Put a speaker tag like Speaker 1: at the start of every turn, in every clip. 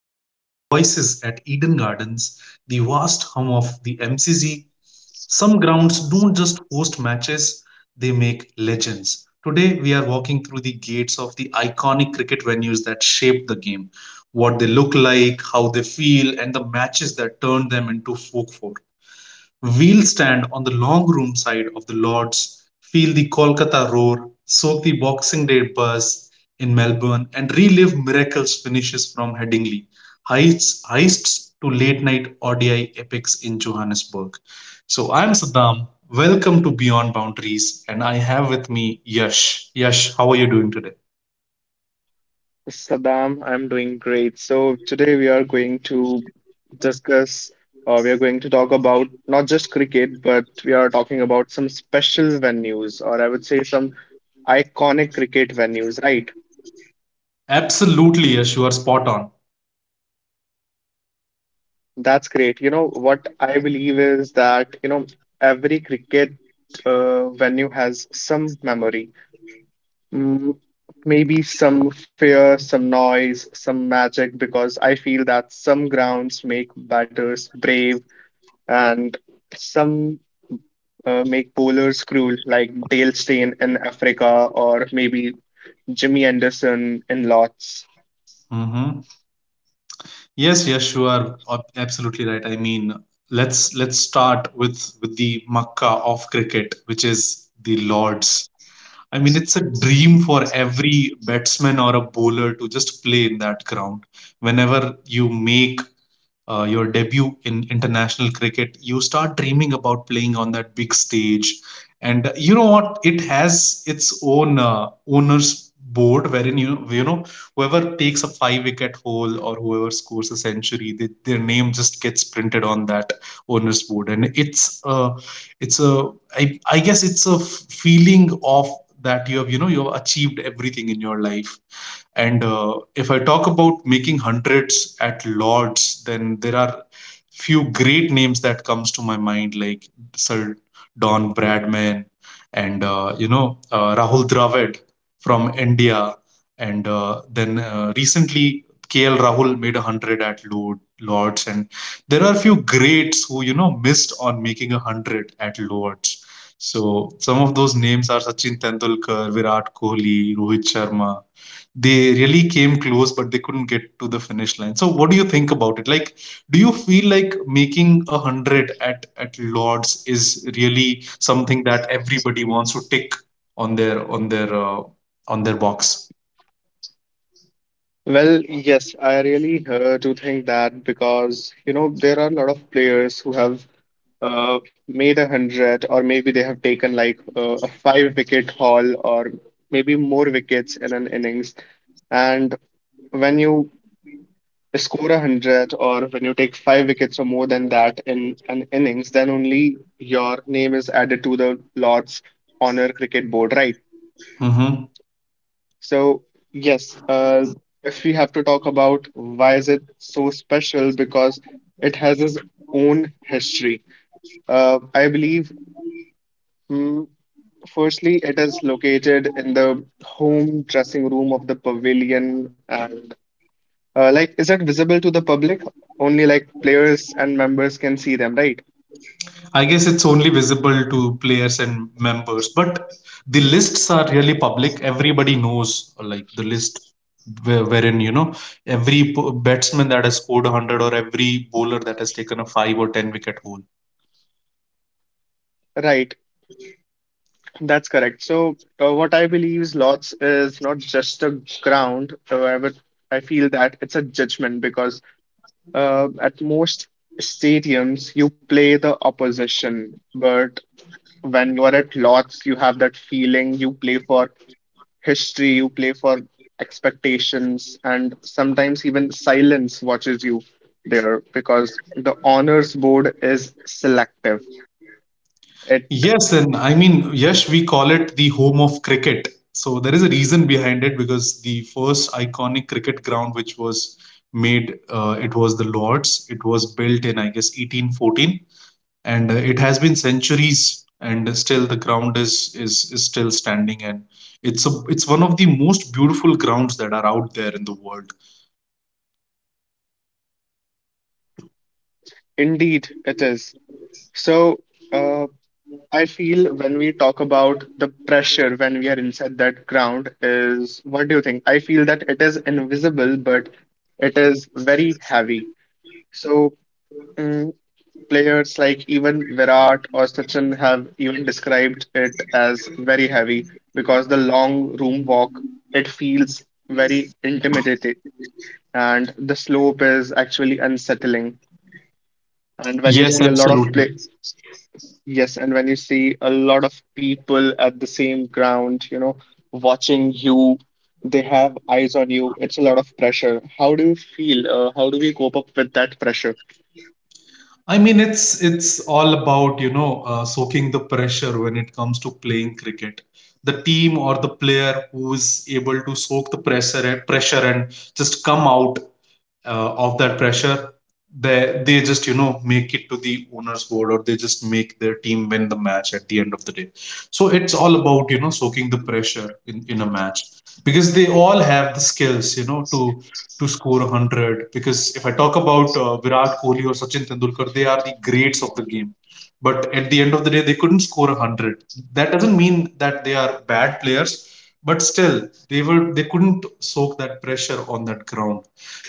Speaker 1: a sea of voices at Eden Gardens, the vast hum of the MCG. Some grounds don't just host matches, they make legends. Today, we are walking through the gates of the iconic cricket venues that shaped the game, what they look like, how they feel, and the matches that turned them into folk four. We'll stand on the long room side of the lords, feel the Kolkata roar, soak the Boxing Day buzz in Melbourne, and relive miracles finishes from Headingley, heists, heists to late night ODI epics in Johannesburg. So I'm Saddam. Welcome to Beyond Boundaries, and I have with me Yash. Yash, how are you doing today?
Speaker 2: Saddam, I'm doing great. So today we are going to discuss, we are going to talk about not just cricket, but we are talking about some special venues, or I would say some iconic cricket venues, right?
Speaker 1: Absolutely, Yash, you are spot on.
Speaker 2: That's great. You know, what I believe is that, you know, every cricket venue has some memory. Mm, maybe some fear, some noise, some magic, because I feel that some grounds make batters brave, and some make bowlers cruel, like Dale Steyn in Africa or maybe Jimmy Anderson in Lots.
Speaker 1: Hmm. Yes, yes, you are absolutely right. I mean, let's start with the Makkah of cricket, which is the Lords. I mean, it's a dream for every batsman or a bowler to just play in that ground. Whenever you make your debut in international cricket, you start dreaming about playing on that big stage. And you know what? It has its own owners board wherein you you know whoever takes a five wicket hole or whoever scores a century, they, their name just gets printed on that owners board, and it's a I guess it's a feeling of that you have you know you have achieved everything in your life and if I talk about making hundreds at Lords, then there are few great names that comes to my mind, like Sir Don Bradman and you know Rahul Dravid from India, and then recently KL Rahul made a hundred at Lords, and there are few greats who you know missed on making a hundred at Lords. So some of those names are Sachin Tendulkar, Virat Kohli, Rohit Sharma, they really came close but they couldn't get to the finish line. So what do you think about it? Like, do you feel like making a hundred at lords is really something that everybody wants to tick on their on their box?
Speaker 2: Well, yes, I really do think that because you know there are a lot of players who have made a hundred, or maybe they have taken like a five wicket haul, or maybe more wickets in an innings. And when you score a hundred or when you take five wickets or more than that in an innings, then only your name is added to the Lord's Honor Cricket Board, right?
Speaker 1: Hmm.
Speaker 2: So yes, if we have to talk about why is it so special, because it has its own history. I believe, mm, firstly, it is located in the home dressing room of the pavilion and like, is it visible to the public? Only like players and members can see them, right?
Speaker 1: I guess it's only visible to players and members, but the lists are really public. Everybody knows like the list wherein you know every batsman that has scored 100 or every bowler that has taken a 5 or 10 wicket hole.
Speaker 2: Right. That's correct. So, what I believe is lots is not just a ground. However, I feel that it's a judgment because at most stadiums you play the opposition, but when you are at lots, you have that feeling you play for history, you play for expectations, and sometimes even silence watches you there because the honors board is selective. It
Speaker 1: Yes, and I mean, yes, we call it the home of cricket. So there is a reason behind it because the first iconic cricket ground which was made, it was the Lord's. It was built in, I guess, 1814, and it has been centuries, and still the ground is still standing, and it's a it's one of the most beautiful grounds that are out there in the world.
Speaker 2: indeed it is. So uh, I feel when we talk about the pressure when we are inside that ground is what do you think? I feel that it is invisible, but it is very heavy. So. mm, Players like even Virat or Sachin have even described it as very heavy because the long room walk, it feels very intimidating, and the slope is actually unsettling, and when you
Speaker 1: Yes,
Speaker 2: see a lot of
Speaker 1: absolutely.
Speaker 2: play, yes, and when you see a lot of people at the same ground, you know, watching you, they have eyes on you. It's a lot of pressure. How do you feel, how do we cope up with that pressure?
Speaker 1: I mean, it's all about you know soaking the pressure when it comes to playing cricket. The team or the player who is able to soak the pressure and just come out of that pressure, they just you know make it to the owner's board or they just make their team win the match at the end of the day. So it's all about you know soaking the pressure in a match, because they all have the skills you know to score 100. Because if I talk about Virat Kohli or Sachin Tendulkar, they are the greats of the game, but at the end of the day they couldn't score 100. That doesn't mean that they are bad players, but still they were they couldn't soak that pressure on that ground.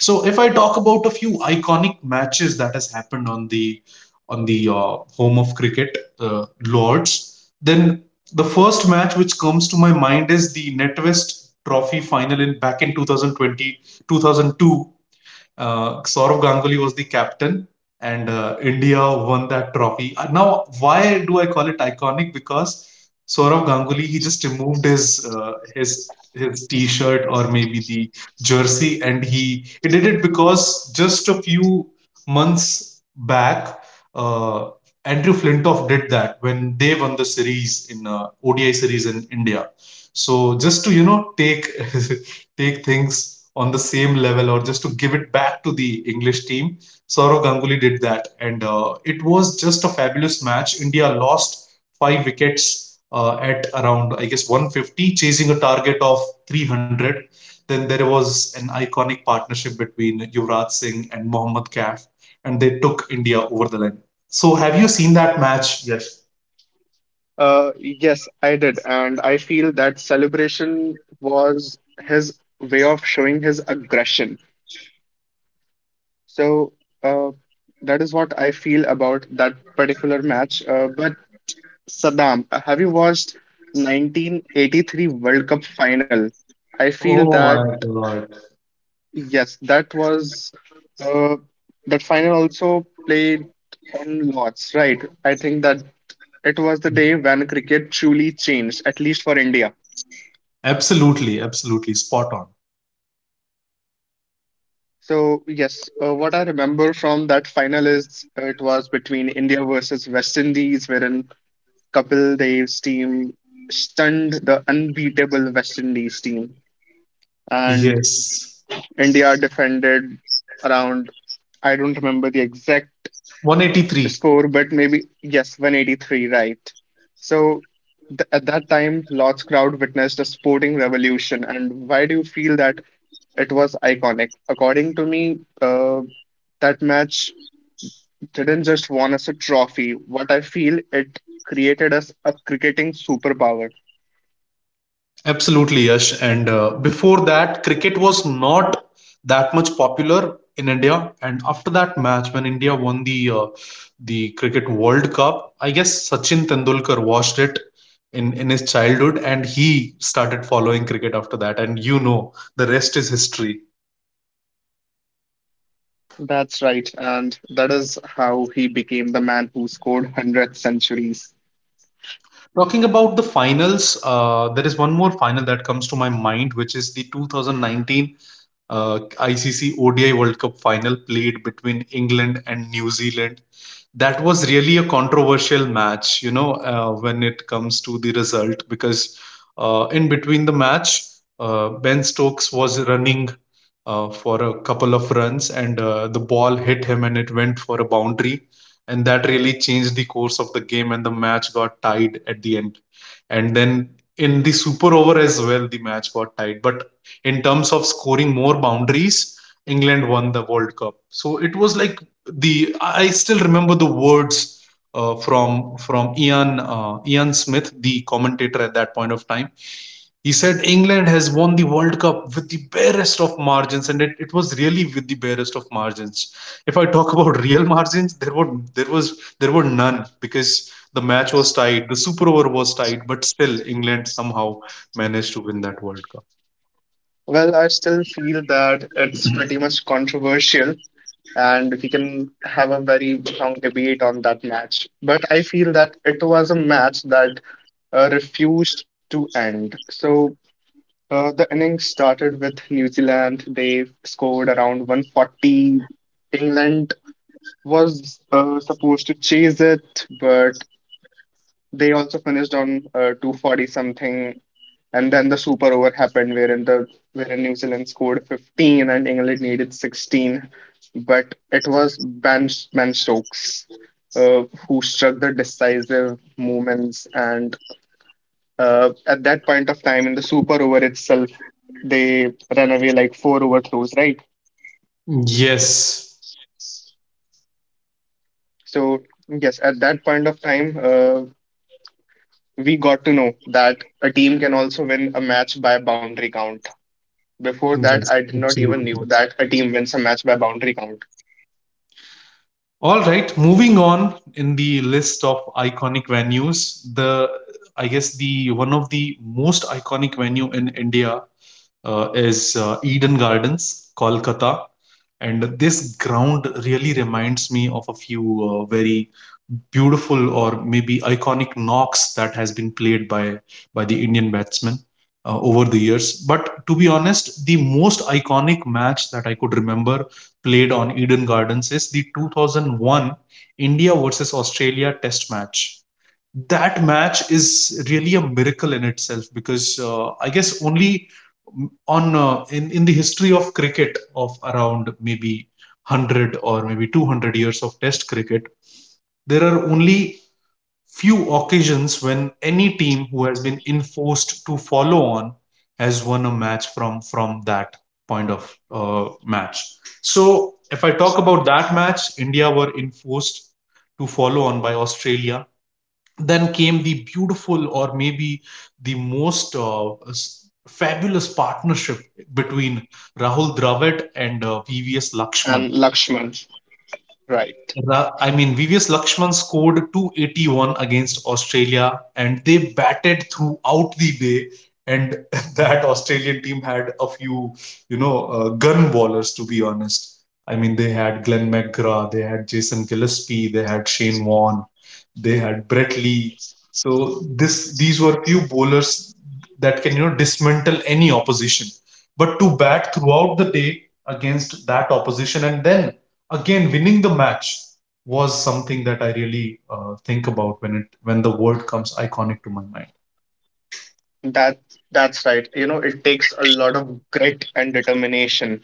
Speaker 1: So if I talk about a few iconic matches that has happened on the home of cricket, Lords, then the first match which comes to my mind is the NetWest Trophy final in back in 2020, 2002. Saurav Ganguly was the captain, and India won that trophy. Now, why do I call it iconic? Because Saurav Ganguly he just removed his his t-shirt or maybe the jersey, and he did it because just a few months back. Uh, Andrew Flintoff did that when they won the series in ODI series in India. So just to you know take take things on the same level or just to give it back to the English team. Saurav Ganguly did that, and it was just a fabulous match. India lost five wickets at around, I guess, 150, chasing a target of 300. Then there was an iconic partnership between Yuvraj Singh and Mohammad Kaif, and they took India over the line. So, have you seen that match? Yes.
Speaker 2: Yes, I did. And I feel that celebration was his way of showing his aggression. So that is what I feel about that particular match. But Saddam, have you watched 1983 World Cup final? I feel
Speaker 1: Oh
Speaker 2: that,
Speaker 1: my God.
Speaker 2: yes, that was uh, that final also played on lots, right? I think that it was the day when cricket truly changed, at least for India.
Speaker 1: Absolutely, absolutely. Spot on.
Speaker 2: So yes, what I remember from that final is it was between India versus West Indies, wherein Kapil Dev's team stunned the unbeatable West Indies team, and
Speaker 1: Yes.
Speaker 2: India defended around, I don't remember the exact
Speaker 1: 183.
Speaker 2: score, but maybe yes, 183, right? So at that time, Lord's crowd witnessed a sporting revolution. And why do you feel that it was iconic? According to me, that match didn't just won us a trophy. What I feel, it created us a cricketing superpower.
Speaker 1: Absolutely, Yash. And before that cricket was not that much popular in India, and after that match when India won the cricket world cup, I guess Sachin Tendulkar watched it in his childhood and he started following cricket after that, and you know the rest is history.
Speaker 2: That's right, and that is how he became the man who scored 100 centuries.
Speaker 1: Talking about the finals, there is one more final that comes to my mind, which is the 2019 uh, ICC ODI World Cup final played between England and New Zealand. That was really a controversial match, you know, when it comes to the result, because in between the match, Ben Stokes was running for a couple of runs, and the ball hit him and it went for a boundary. And that really changed the course of the game, and the match got tied at the end. And then in the super over as well, the match got tied. But in terms of scoring more boundaries, England won the World Cup. So it was like the I still remember the words from Ian Ian Smith, the commentator at that point of time. He said England has won the World Cup with the barest of margins, and it was really with the barest of margins. If I talk about real margins, there were there were none, because the match was tied, the super over was tied, but still England somehow managed to win that World Cup.
Speaker 2: Well, I still feel that it's pretty much controversial, and we can have a very long debate on that match. But I feel that it was a match that refused to end. So the innings started with New Zealand. They scored around 140. England was supposed to chase it, but they also finished on 240 something, and then the super over happened, wherein New Zealand scored 15 and England needed 16. But it was Ben Stokes who struck the decisive moments. And at that point of time in the super over itself, they ran away like four overthrows, right?
Speaker 1: Yes.
Speaker 2: So yes, at that point of time, we got to know that a team can also win a match by boundary count. Before that,
Speaker 1: Yes,
Speaker 2: I did not even knew
Speaker 1: absolutely.
Speaker 2: that a team wins a match by boundary count.
Speaker 1: All right, moving on in the list of iconic venues, the I guess the one of the most iconic venue in India is Eden Gardens, Kolkata. And this ground really reminds me of a few very beautiful or maybe iconic knocks that has been played by the Indian batsmen over the years. But to be honest, the most iconic match that I could remember played on Eden Gardens is the 2001 India versus Australia Test match. That match is really a miracle in itself, because I guess only on in the history of cricket of around maybe 100 or maybe 200 years of test cricket, there are only few occasions when any team who has been enforced to follow on has won a match from that point of match. So if I talk about that match, India were enforced to follow on by Australia. Then came the beautiful or maybe the most fabulous partnership between Rahul Dravid and PVS Lakshman.
Speaker 2: And Lakshman, right?
Speaker 1: I mean, VVS Lakshman scored 281 against Australia and they batted throughout the day. And that Australian team had a few, you know, gun bowlers, to be honest. I mean, they had Glenn McGrath, they had Jason Gillespie, they had Shane Warne, they had Brett Lee. So this these were few bowlers that can, you know, dismantle any opposition. But to bat throughout the day against that opposition and then again winning the match was something that I really think about when it when the word comes iconic to my mind.
Speaker 2: That that's right. You know, it takes a lot of grit and determination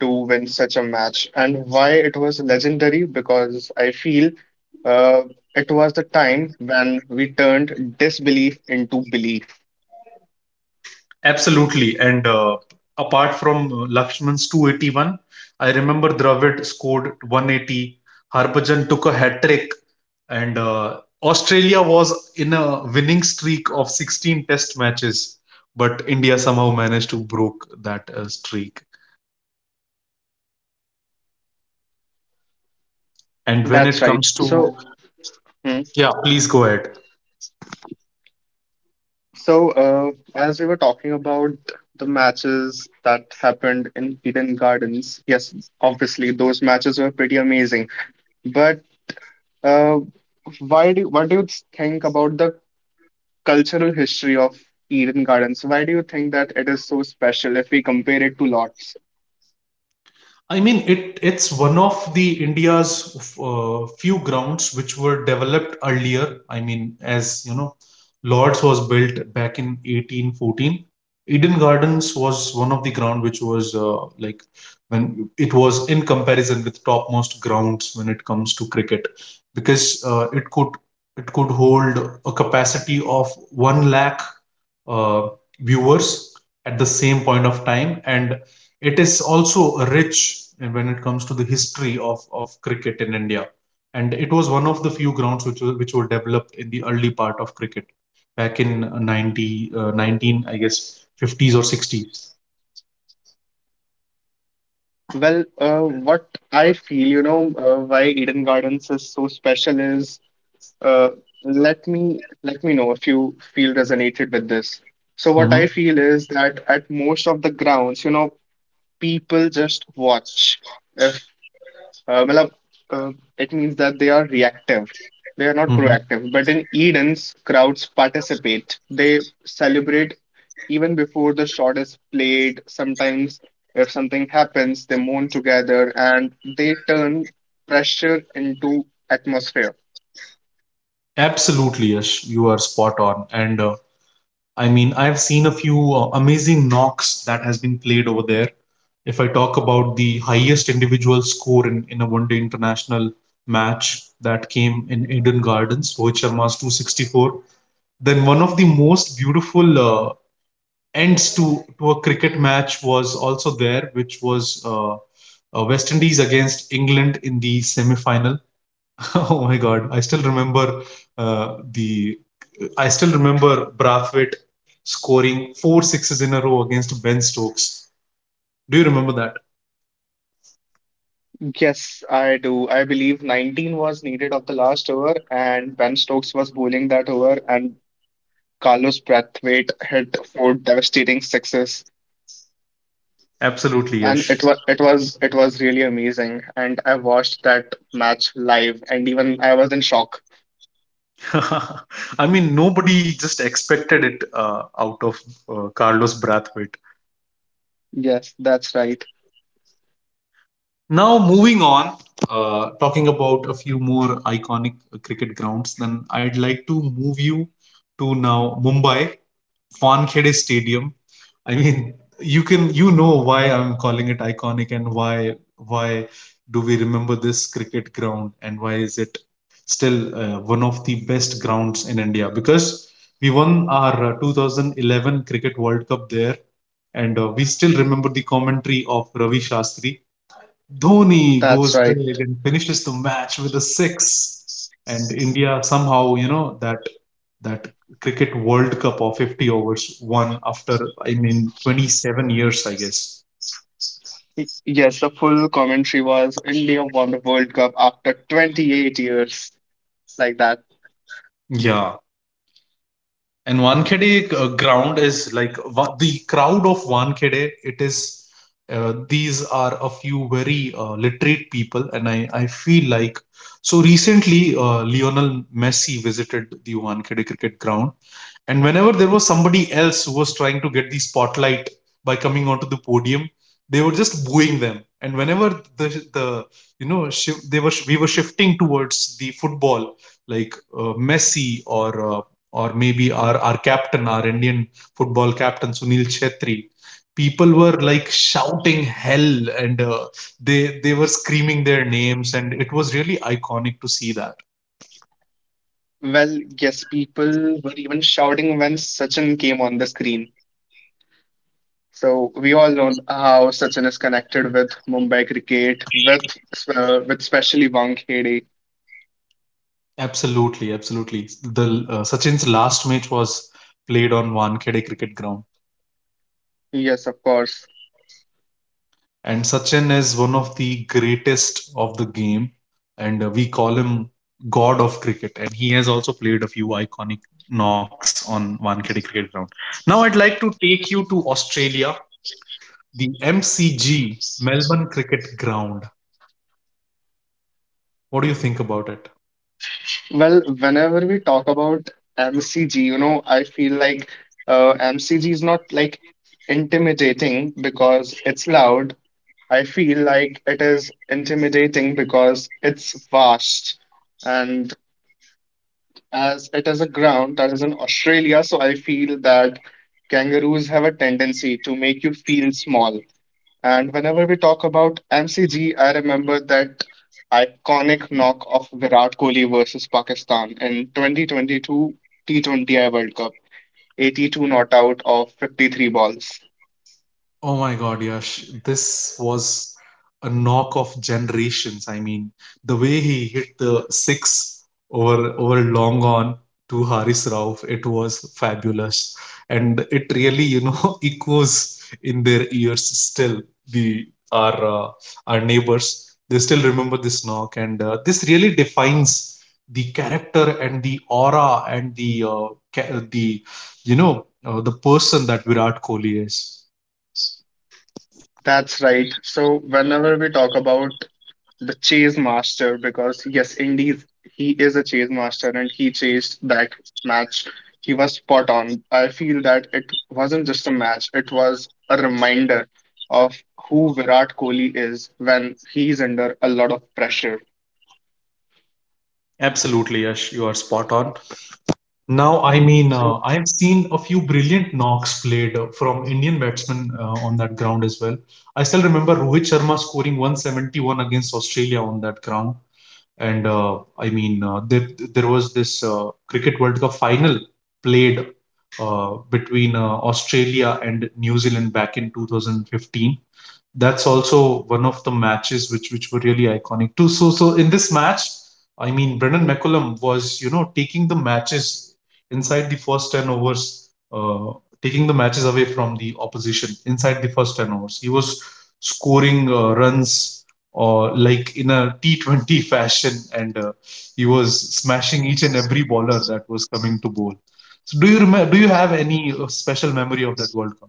Speaker 2: to win such a match. And why it was legendary? Because I feel uh, it was the time when we turned disbelief into belief.
Speaker 1: Absolutely. And apart from Lakshman's 281, I remember Dravid scored 180. Harbhajan took a hat trick. And Australia was in a winning streak of 16 test matches. But India somehow managed to broke that streak. And when
Speaker 2: That's
Speaker 1: it
Speaker 2: right.
Speaker 1: comes to,
Speaker 2: So. Hmm.
Speaker 1: yeah, please go ahead.
Speaker 2: So, as we were talking about the matches that happened in Eden Gardens, yes, obviously those matches were pretty amazing. But uh, why do what do you think about the cultural history of Eden Gardens? Why do you think that it is so special if we compare it to Lords?
Speaker 1: I mean, it's one of the India's few grounds which were developed earlier. I mean, as you know, Lords was built back in 1814. Eden Gardens was one of the ground which was like when it was in comparison with topmost grounds when it comes to cricket, because it could hold a capacity of one lakh uh, viewers at the same point of time, and it is also rich when it comes to the history of cricket in India. And it was one of the few grounds which were developed in the early part of cricket back in 19, I guess, 50s or 60s.
Speaker 2: Well, what I feel, you know, why Eden Gardens is so special is Uh, let me know if you feel resonated with this. So what I
Speaker 1: Hmm.
Speaker 2: feel is that at most of the grounds, you know, people just watch. If matlab, uh, it means that they are reactive. They are not
Speaker 1: Hmm.
Speaker 2: proactive. But in Eden's, crowds participate. They celebrate even before the shot is played. Sometimes, if something happens, they mourn together and they turn pressure into atmosphere.
Speaker 1: Absolutely, yes, you are spot on. And I mean, I've seen a few amazing knocks that has been played over there. If I talk about the highest individual score in a one day international match that came in Eden Gardens, Rohit Sharma's 264, then one of the most beautiful uh, ends to a cricket match was also there, which was West Indies against England in the semi final. Oh my God, I still remember uh, the Brathwaite scoring four sixes in a row against Ben Stokes. Do you remember that?
Speaker 2: Yes, I do. I believe 19 was needed of the last over, and Ben Stokes was bowling that over, and Carlos Brathwaite hit four devastating sixes,
Speaker 1: Absolutely,
Speaker 2: and it
Speaker 1: Yash.
Speaker 2: was it was it was really amazing. And I watched that match live, and even I was in shock.
Speaker 1: I mean, nobody just expected it out of Carlos Brathwaite.
Speaker 2: Yes, that's right.
Speaker 1: Now, moving on, talking about a few more iconic cricket grounds, then I'd like to move you to now Mumbai Wankhede Stadium. I mean, you can you know why I'm calling it iconic and why do we remember this cricket ground and why is it still one of the best grounds in India because we won our 2011 Cricket World Cup there and we still remember the commentary of Ravi Shastri. Dhoni
Speaker 2: That's
Speaker 1: goes
Speaker 2: right.
Speaker 1: big and finishes the match with a six, and India somehow you know that cricket World Cup of 50 overs won after I mean 27 years I guess.
Speaker 2: Yes, the full commentary was India won the World Cup after 28 years, like that.
Speaker 1: Yeah. And Wankhede ground is like the crowd of Wankhede. It is these are a few very literate people, and I feel like so recently Lionel Messi visited the Wankhede cricket ground, and whenever there was somebody else who was trying to get the spotlight by coming onto the podium, they were just booing them. And whenever the the you know shift, they were we were shifting towards the football like Messi or or maybe our captain, our Indian football captain Sunil Chhetri. People were like shouting hell and they were screaming their names and it was really iconic to see that.
Speaker 2: Well, yes, people were even shouting when Sachin came on the screen. So we all know how Sachin is connected with Mumbai cricket, with especially Wankhede.
Speaker 1: Absolutely, absolutely. The Sachin's last match was played on Wankhede cricket ground.
Speaker 2: Yes, of course.
Speaker 1: And Sachin is one of the greatest of the game, and we call him God of Cricket. And he has also played a few iconic knocks on Wankhede Cricket Ground. Now, I'd like to take you to Australia, the MCG, Melbourne Cricket Ground. What do you think about it?
Speaker 2: Well, whenever we talk about MCG, you know, I feel like MCG is not like intimidating because it's loud. I feel like it is intimidating because it's vast, and as it is a ground that is in Australia, so I feel that kangaroos have a tendency to make you feel small. And whenever we talk about MCG, I remember that iconic knock of Virat Kohli versus Pakistan in 2022 T20I World Cup, 82 not out of 53 balls.
Speaker 1: Oh my God, Yash, this was a knock of generations. I mean, the way he hit the six over long on to Haris Rauf, it was fabulous, and it really you know echoes in their ears still. The our Our neighbors they still remember this knock, and this really defines the character and the aura and the ca- the the person that Virat Kohli is.
Speaker 2: That's right. So whenever we talk about the chase master, because yes, indeed he is a chase master and he chased that match. He was spot on. I feel that it wasn't just a match; it was a reminder of who Virat Kohli is when he's under a lot of pressure.
Speaker 1: Absolutely, Yash, you are spot on. Now, I mean,
Speaker 2: So
Speaker 1: I've seen a few brilliant knocks played from Indian batsmen on that ground as well. I still remember Rohit Sharma scoring 171 against Australia on that ground. And I mean, there was this Cricket World Cup final played between Australia and New Zealand back in 2015. That's also one of the matches which were really iconic too. So in this match, I mean Brendan McCullum was you know taking the matches inside the first ten overs, taking the matches away from the opposition inside the first ten overs. He was scoring runs or like in a T20 fashion, and he was smashing each and every bowler that was coming to bowl. So do you remember? Do you have any special memory of that World Cup?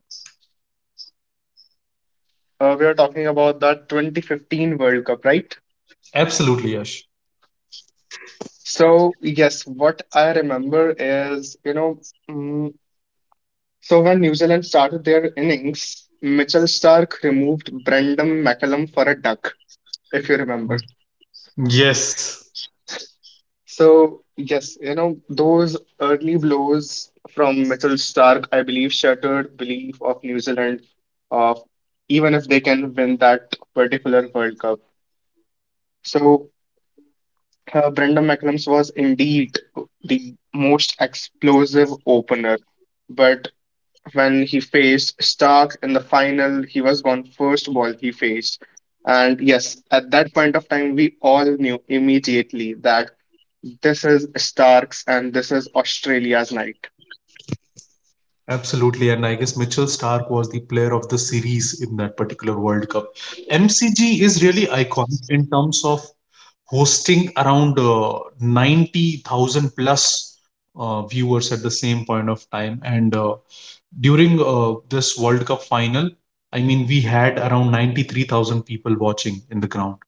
Speaker 2: we are talking about that 2015 World Cup, right?
Speaker 1: Absolutely, Yash.
Speaker 2: So yes, what I remember is you know. mm, So when New Zealand started their innings, Mitchell Starc removed Brendan McCullum for a duck, if you
Speaker 1: Hmm.
Speaker 2: remember.
Speaker 1: Yes.
Speaker 2: So yes, you know those early blows from Mitchell Starc, I believe, shattered belief of New Zealand of even if they can win that particular World Cup. So Brendan McCullum was indeed the most explosive opener, but when he faced Stark in the final, he was gone first ball he faced. And yes, at that point of time, we all knew immediately that this is Stark's and this is Australia's night.
Speaker 1: Absolutely, and I guess Mitchell Stark was the player of the series in that particular World Cup. MCG is really iconic in terms of hosting around 90,000 plus viewers at the same point of time. And during this World Cup final, I mean, we had around 93,000 people watching in the ground.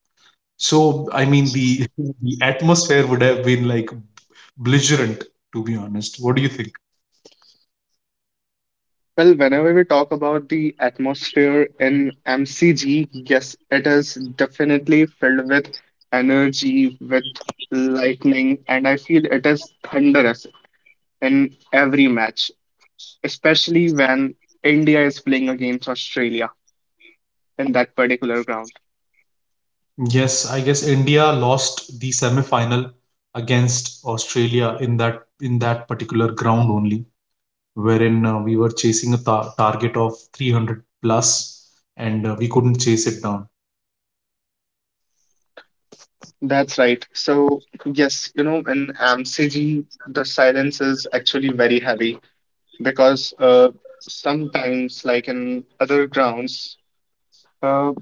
Speaker 1: So, I mean, the atmosphere would have been like belligerent, to be honest. What do you think?
Speaker 2: Well, whenever we talk about the atmosphere in MCG, yes, it is definitely filled with energy, with lightning, and I feel it is thunderous in every match, especially when India is playing against Australia in that particular ground.
Speaker 1: Yes, I guess India lost the semi-final against Australia in that particular ground only, wherein we were chasing a ta target of 300 plus, and we couldn't chase it down.
Speaker 2: That's right. So, yes, you know, in AMCG, the silence is actually very heavy because sometimes, like in other grounds, uh,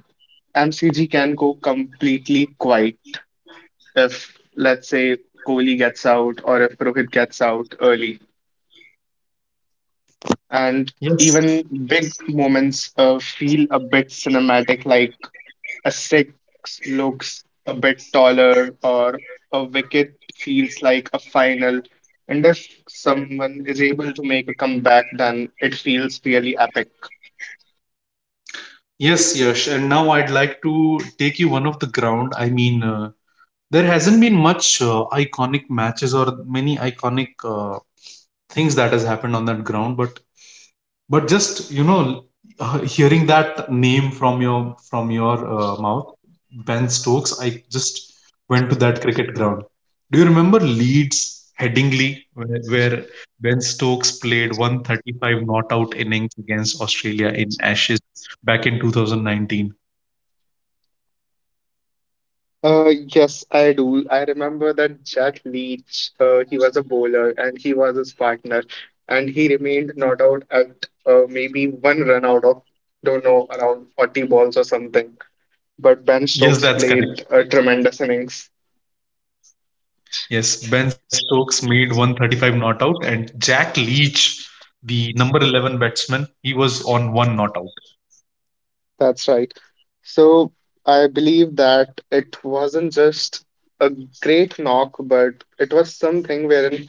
Speaker 2: MCG can go completely quiet if, let's say, Kohli gets out or if Rohit gets out early. And
Speaker 1: Yes.
Speaker 2: even big moments feel a bit cinematic, like a six looks a bit taller, or a wicket feels like a final. And if someone is able to make a comeback, then it feels really epic.
Speaker 1: Yes, Yash. And now I'd like to take you one of the ground. I mean, there hasn't been much iconic matches or many iconic things that has happened on that ground, but just you know, hearing that name from your mouth, Ben Stokes, I just went to that cricket ground. Do you remember Leeds, Headingley, where Ben Stokes played 135 not out innings against Australia in Ashes back in 2019?
Speaker 2: Yes, I do. I remember that Jack Leach, he was a bowler and he was his partner, and he remained not out at maybe one run out of, don't know, around 40 balls or something. But
Speaker 1: Yes,
Speaker 2: Ben
Speaker 1: that's
Speaker 2: Stokes
Speaker 1: correct.
Speaker 2: played a tremendous innings.
Speaker 1: Yes, Ben Stokes made 135 not out, and Jack Leach, the number 11 batsman, he was on one not out.
Speaker 2: That's right. So I believe that it wasn't just a great knock, but it was something wherein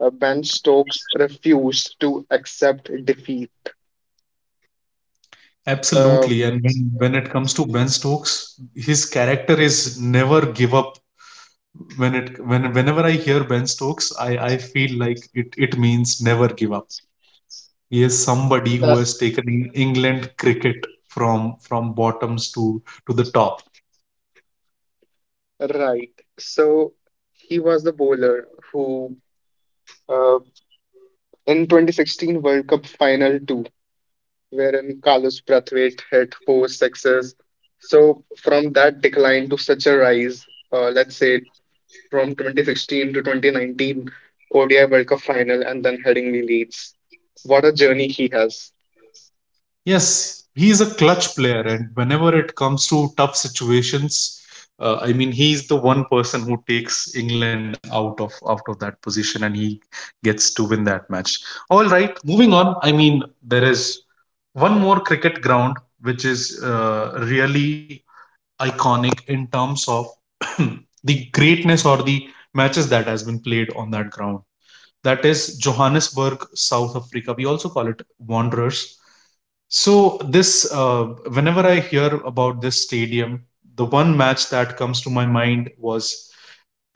Speaker 2: Ben Stokes refused to accept defeat. Uh,
Speaker 1: Absolutely. And when it comes to Ben Stokes, his character is never give up. When it when whenever I hear Ben Stokes, I feel like it means never give up. He is somebody who
Speaker 2: That's
Speaker 1: has taken England cricket from bottoms to the top.
Speaker 2: right. So he was the bowler who, uh, in 2016 World Cup final two, wherein Carlos Brathwaite hit four sixes. So from that decline to such a rise, let's say from 2016 to 2019 ODI World Cup final and then heading the Leeds. What a journey he has.
Speaker 1: Yes, he is a clutch player, and whenever it comes to tough situations, I mean, he's the one person who takes England out of that position, and he gets to win that match. All right, moving on. I mean, there is one more cricket ground which is really iconic in terms of the greatness or the matches that has been played on that ground that is Johannesburg, South Africa. We also call it Wanderers. So, whenever I hear about this stadium, the one match that comes to my mind was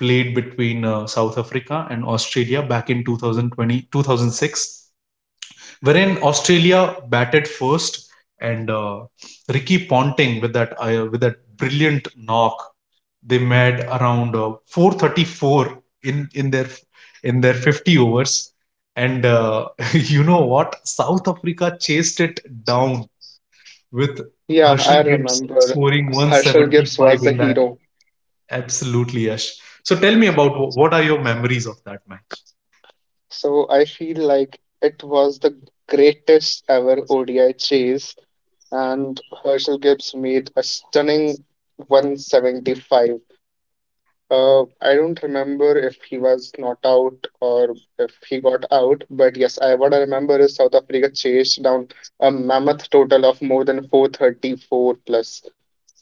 Speaker 1: played between South Africa and Australia back in 2006. Wherein Australia batted first and Ricky Ponting with that brilliant knock, they made around 434 in their 50 overs, and you know what, south africa chased it down with
Speaker 2: Yeah,
Speaker 1: herschel
Speaker 2: I
Speaker 1: gibbs
Speaker 2: remember
Speaker 1: scoring
Speaker 2: Herschel Gibbs
Speaker 1: 175
Speaker 2: was the
Speaker 1: in that.
Speaker 2: hero.
Speaker 1: Absolutely, Yash. So tell me about what are your memories of that match.
Speaker 2: So I feel like it was the greatest ever ODI chase, and Herschel Gibbs made a stunning 175. I don't remember if he was not out or if he got out, but yes, I what I remember is South Africa chased down a mammoth total of more than 434 plus.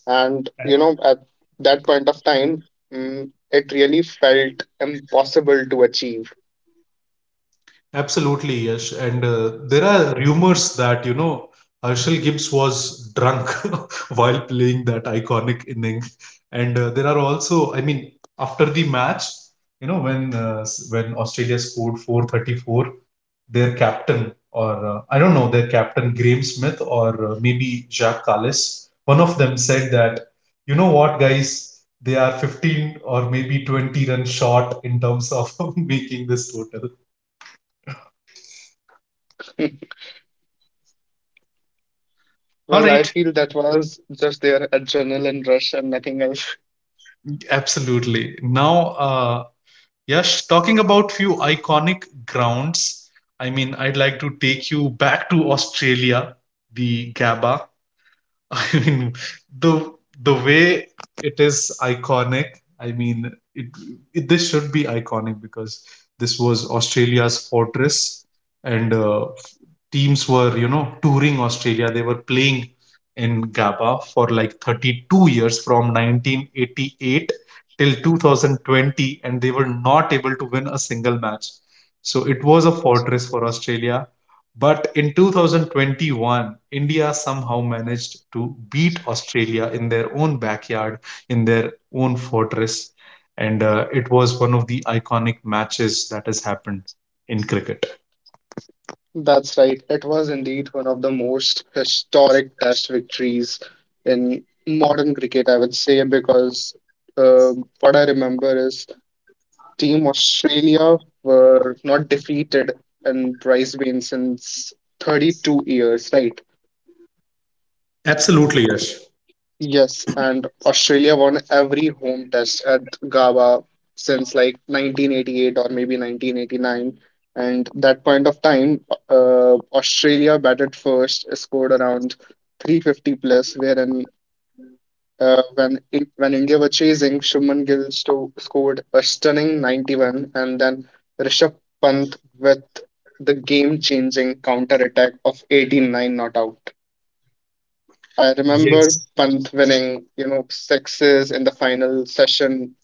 Speaker 2: And you know, at that point of time, it really felt impossible to achieve.
Speaker 1: Absolutely, Yash. And there are rumors that, you know, Herschel Gibbs was drunk while playing that iconic inning. And there are also, I mean, after the match, you know, when Australia scored 434, their captain, or I don't know, their captain, Graham Smith, or maybe Jacques Callis, one of them said that, you know what, guys, they are 15 or maybe 20 runs short in terms of making this total. All
Speaker 2: Well, I
Speaker 1: right.
Speaker 2: feel that was just their adrenaline rush and nothing else.
Speaker 1: Absolutely. Now, uh, Yash, talking about few iconic grounds, I mean, I'd like to take you back to Australia, the Gabba. I mean, the the way it is iconic. I mean, it this should be iconic because this was Australia's fortress, and teams were you know touring australia, they were playing in gaba for like 32 years from 1988 till 2020, and they were not able to win a single match. So it was a fortress for australia, but in 2021 india somehow managed to beat australia in their own backyard, in their own fortress, and it was one of the iconic matches that has happened in cricket.
Speaker 2: That's right. It was indeed one of the most historic test victories in modern cricket, I would say, because uh, what I remember is Team Australia were not defeated in prize win since 32 years, right?
Speaker 1: Absolutely, yes.
Speaker 2: Yes, and Australia won every home test at GABA since like 1988 or maybe 1989. And that point of time, Australia batted first, scored around 350 plus, wherein when India were chasing, Shubman Gill sto scored a stunning 91, and then Rishabh Pant with the game-changing counter attack of 18 nine not out. I remember
Speaker 1: Yes.
Speaker 2: Panth winning, you know, sixes in the final session,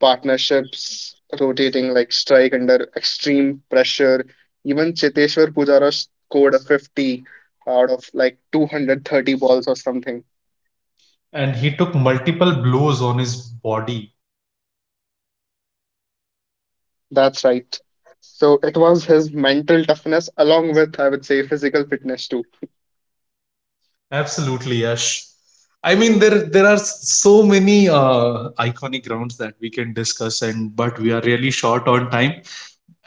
Speaker 2: partnerships rotating like strike under extreme pressure. Even Cheteshwar Pujara scored a 50 out of like 230 balls or something.
Speaker 1: And he took multiple blows on his body.
Speaker 2: That's right. So it was his mental toughness along with, I would say, physical fitness too.
Speaker 1: Absolutely, Yash. I mean, there are so many iconic grounds that we can discuss, and but we are really short on time.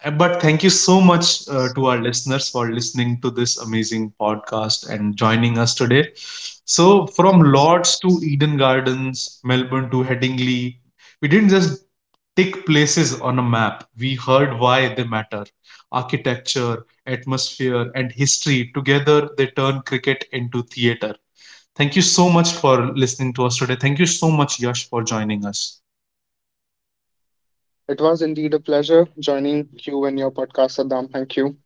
Speaker 1: But thank you so much to our listeners for listening to this amazing podcast and joining us today. So, from Lords to Eden Gardens, Melbourne to Headingley, we didn't just tick places on a map, we heard why they matter. Architecture, atmosphere, and history together they turn cricket into theater. Thank you so much for listening to us today. Thank you so much, Yash, for joining us.
Speaker 2: It was indeed a pleasure joining you in your podcast, Saddam. Thank you.